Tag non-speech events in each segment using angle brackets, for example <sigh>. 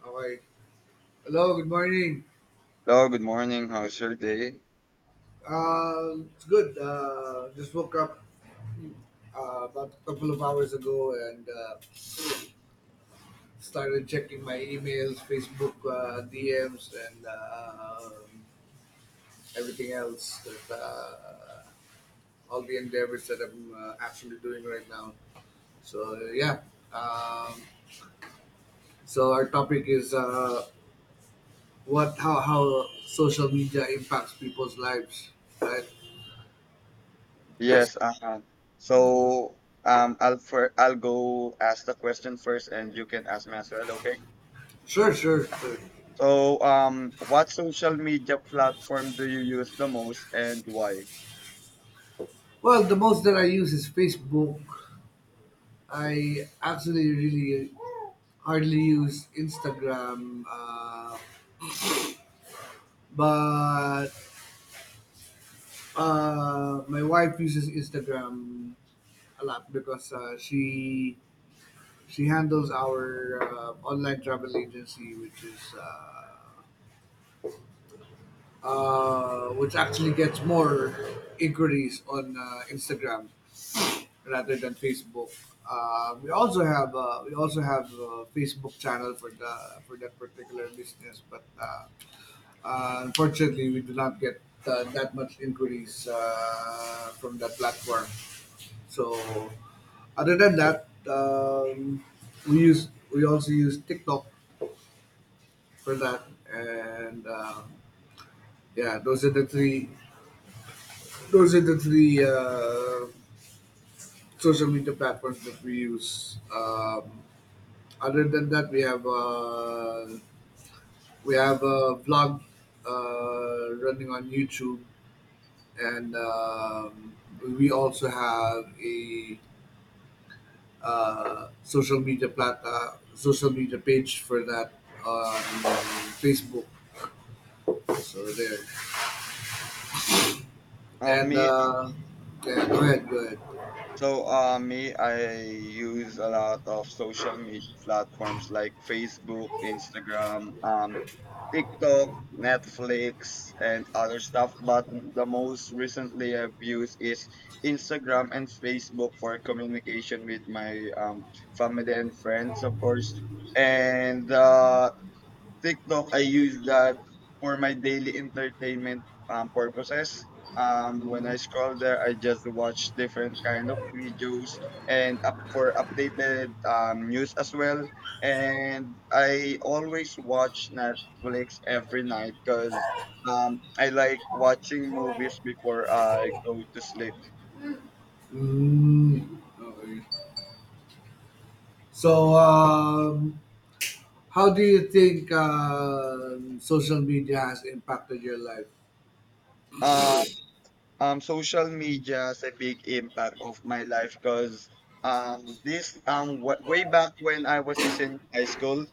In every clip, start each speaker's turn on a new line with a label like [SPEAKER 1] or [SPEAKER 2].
[SPEAKER 1] Hi. Hello, good morning.
[SPEAKER 2] Hello, good morning. How's your day?
[SPEAKER 1] It's good. Just woke up about a couple of hours ago and started checking my emails, Facebook DMs, and everything else. That, all the endeavors that I'm actually doing right now. So yeah. Um, so our topic is what how social media impacts people's lives, right? Yes.
[SPEAKER 2] Yes, I'll I'll go ask the question first, and you can ask me as well. Okay.
[SPEAKER 1] Sure, sure, sure.
[SPEAKER 2] So what social media platform do you use the most, and why?
[SPEAKER 1] Well, the most that I use is Facebook. I actually really hardly use Instagram, but my wife uses Instagram a lot because she handles our online travel agency, which is which actually gets more inquiries on Instagram rather than Facebook. We also have a Facebook channel for that particular business, but unfortunately, we do not get that much inquiries from that platform. So, other than that, we use we also use TikTok for that, and yeah, those are the three those are the three uh, social media platforms that we use. Other than that, we have a vlog running on YouTube, and we also have a social media page for that on Facebook. So there, and
[SPEAKER 2] Me
[SPEAKER 1] yeah, go ahead, go ahead.
[SPEAKER 2] So, me, I use a lot of social media platforms like Facebook, Instagram, TikTok, Netflix, and other stuff. But the most recently I've used is Instagram and Facebook for communication with my family and friends, of course. And TikTok, I use that for my daily entertainment purposes. When I
[SPEAKER 1] Mhm.
[SPEAKER 2] scroll there, I just watch different kind of videos and up for updated news as well. And I always watch Netflix every night because I like watching movies before I go to sleep.
[SPEAKER 1] Mm, okay. So, how do you think social media has impacted your life?
[SPEAKER 2] Um, social media is a big impact of my life because way back when I was a senior in high school,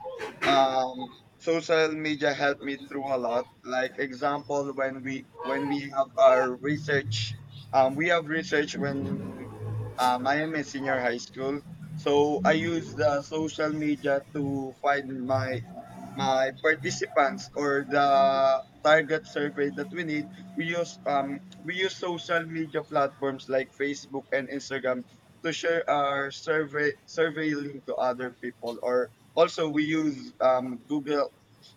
[SPEAKER 2] social media helped me through a lot. Like example, when we have our research, we have research when I am a senior high school. So I use the social media to find my participants or the target survey that we need, we use social media platforms like Facebook and Instagram to share our survey link to other people, or also we use Google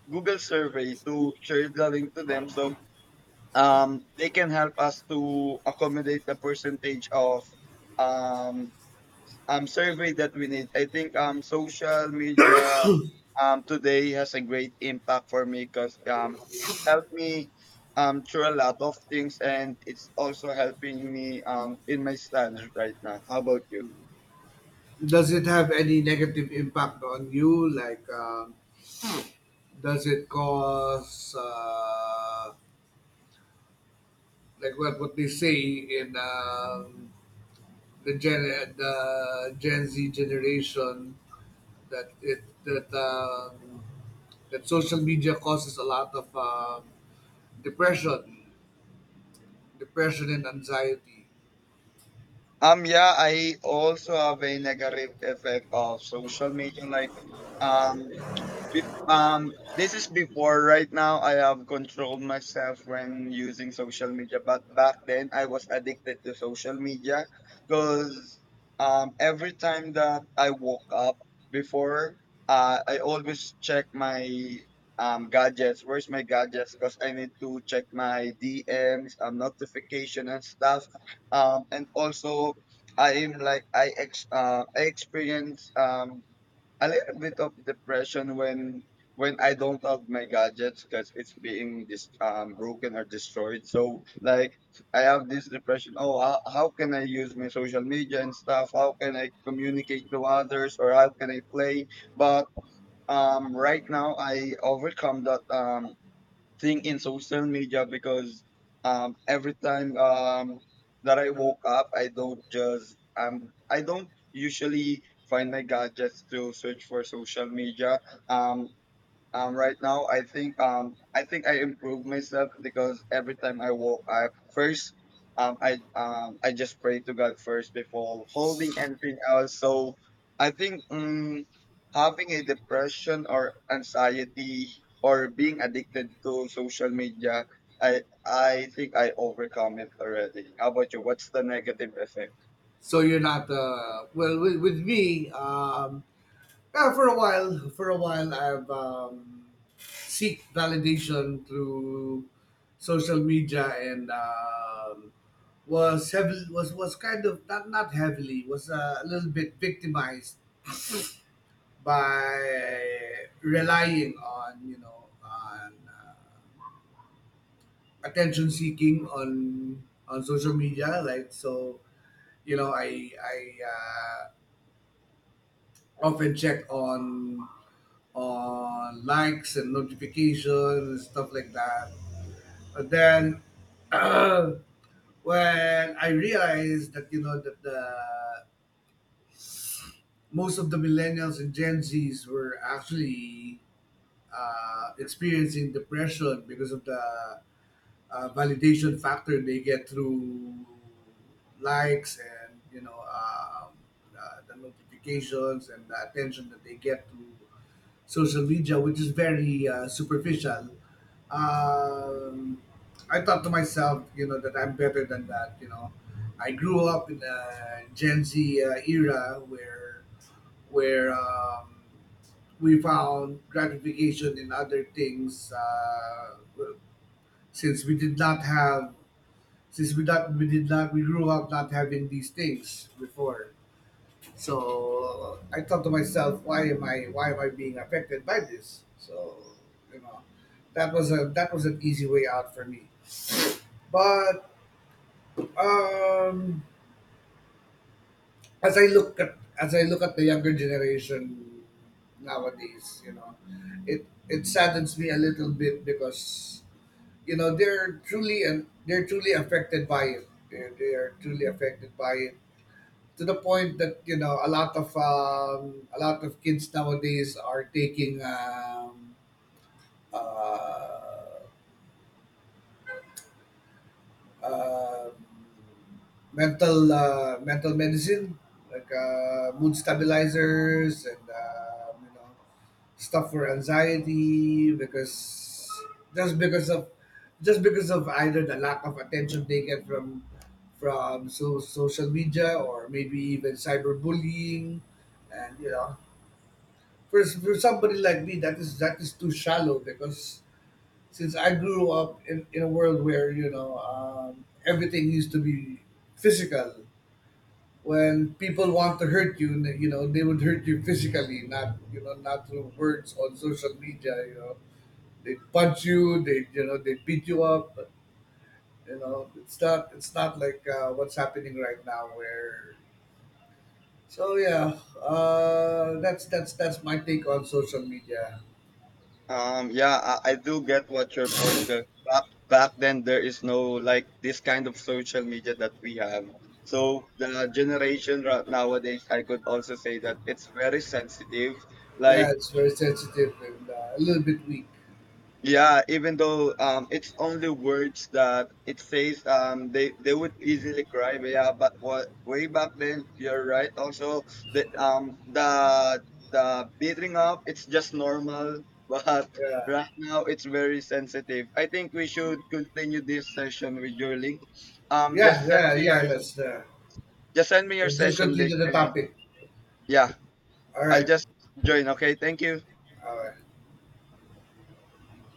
[SPEAKER 2] Survey to share the link to them, so they can help us to accommodate the percentage of um survey that we need. I think social media today has a great impact for me because it helped me through a lot of things, and it's also helping me in my studies right now. How about you?
[SPEAKER 1] Does it have any negative impact on you? Like, does it cause, like what they say in the Gen the Gen Z generation that it that that social media causes a lot of depression, depression and anxiety.
[SPEAKER 2] Yeah, I, also have a negative effect of social media. Like, um, Bef- this is before right now I have controlled myself when using social media, but back then I was addicted to social media because every time that I woke up before, I always check my gadgets. Where's my gadgets? Because I need to check my DMs, notification and stuff. And also I am like I ex I experience a little bit of depression when I don't have my gadgets because it's being dis- broken or destroyed. So like I have this depression. Oh, how can I use my social media and stuff? How can I communicate to others or how can I play? But right now I overcome that thing in social media because every time that I woke up, I don't just I don't usually find my gadgets to search for social media. Um, right now, I think I think I improve myself because every time I walk, I first I just pray to God first before holding anything else. So I think having a depression or anxiety or being addicted to social media, I think I overcome it already. How about you? What's the negative effect?
[SPEAKER 1] So you're not well with me. Yeah, for a while, I've seek validation through social media and was heavily was kind of not not heavily was a little bit victimized by relying on you know on attention seeking on social media. Like so, you know, I uh, often check on likes and notifications and stuff like that. But then <clears throat> when I realized that you know that the most of the millennials and Gen Zs were actually experiencing depression because of the validation factor they get through likes and the notifications and the attention that they get through social media, which is very superficial. Um, I thought to myself, you know, that I'm better than that. You know, I grew up in a Gen Z era where we found gratification in other things since we did not have since we not we did not we grew up not having these things before. So I thought to myself, why am I being affected by this? So you know, that was an easy way out for me. But um, as I look at the younger generation nowadays, you know, it saddens me a little bit because you know they're truly affected by it. They are truly affected by it to the point that you know a lot of kids nowadays are taking uh, uh, mental medicine like mood stabilizers and you know stuff for anxiety because just because of just because of either the lack of attention they get from social media or maybe even cyberbullying and you know for somebody like me, that is too shallow because since I grew up in a world where you know everything used to be physical. When people want to hurt you, you know they would hurt you physically, not you know not through words on social media. You know they punch you, they you know they beat you up. But, you know it's not like what's happening right now where. So yeah, that's my take on social media.
[SPEAKER 2] Yeah, I, do get what your point there. Back then, there is no like this kind of social media that we have. So the generation right nowadays, I could also say that it's very sensitive. Like
[SPEAKER 1] Yeah, it's very sensitive and a little bit weak.
[SPEAKER 2] yeah, even though it's only words that it says, they would easily cry. But yeah, but what way back then, you're right. Also, the the beating up, it's just normal. <laughs> But
[SPEAKER 1] Yeah,
[SPEAKER 2] right now, it's very sensitive. I think we should continue this session with your link. Um, just
[SPEAKER 1] yeah,
[SPEAKER 2] send
[SPEAKER 1] yeah,
[SPEAKER 2] me
[SPEAKER 1] yeah.
[SPEAKER 2] your just send me your
[SPEAKER 1] Let's just
[SPEAKER 2] session link,
[SPEAKER 1] continue the
[SPEAKER 2] and
[SPEAKER 1] topic.
[SPEAKER 2] yeah,
[SPEAKER 1] All
[SPEAKER 2] I'll
[SPEAKER 1] right,
[SPEAKER 2] just join. Okay, thank you.
[SPEAKER 1] all right.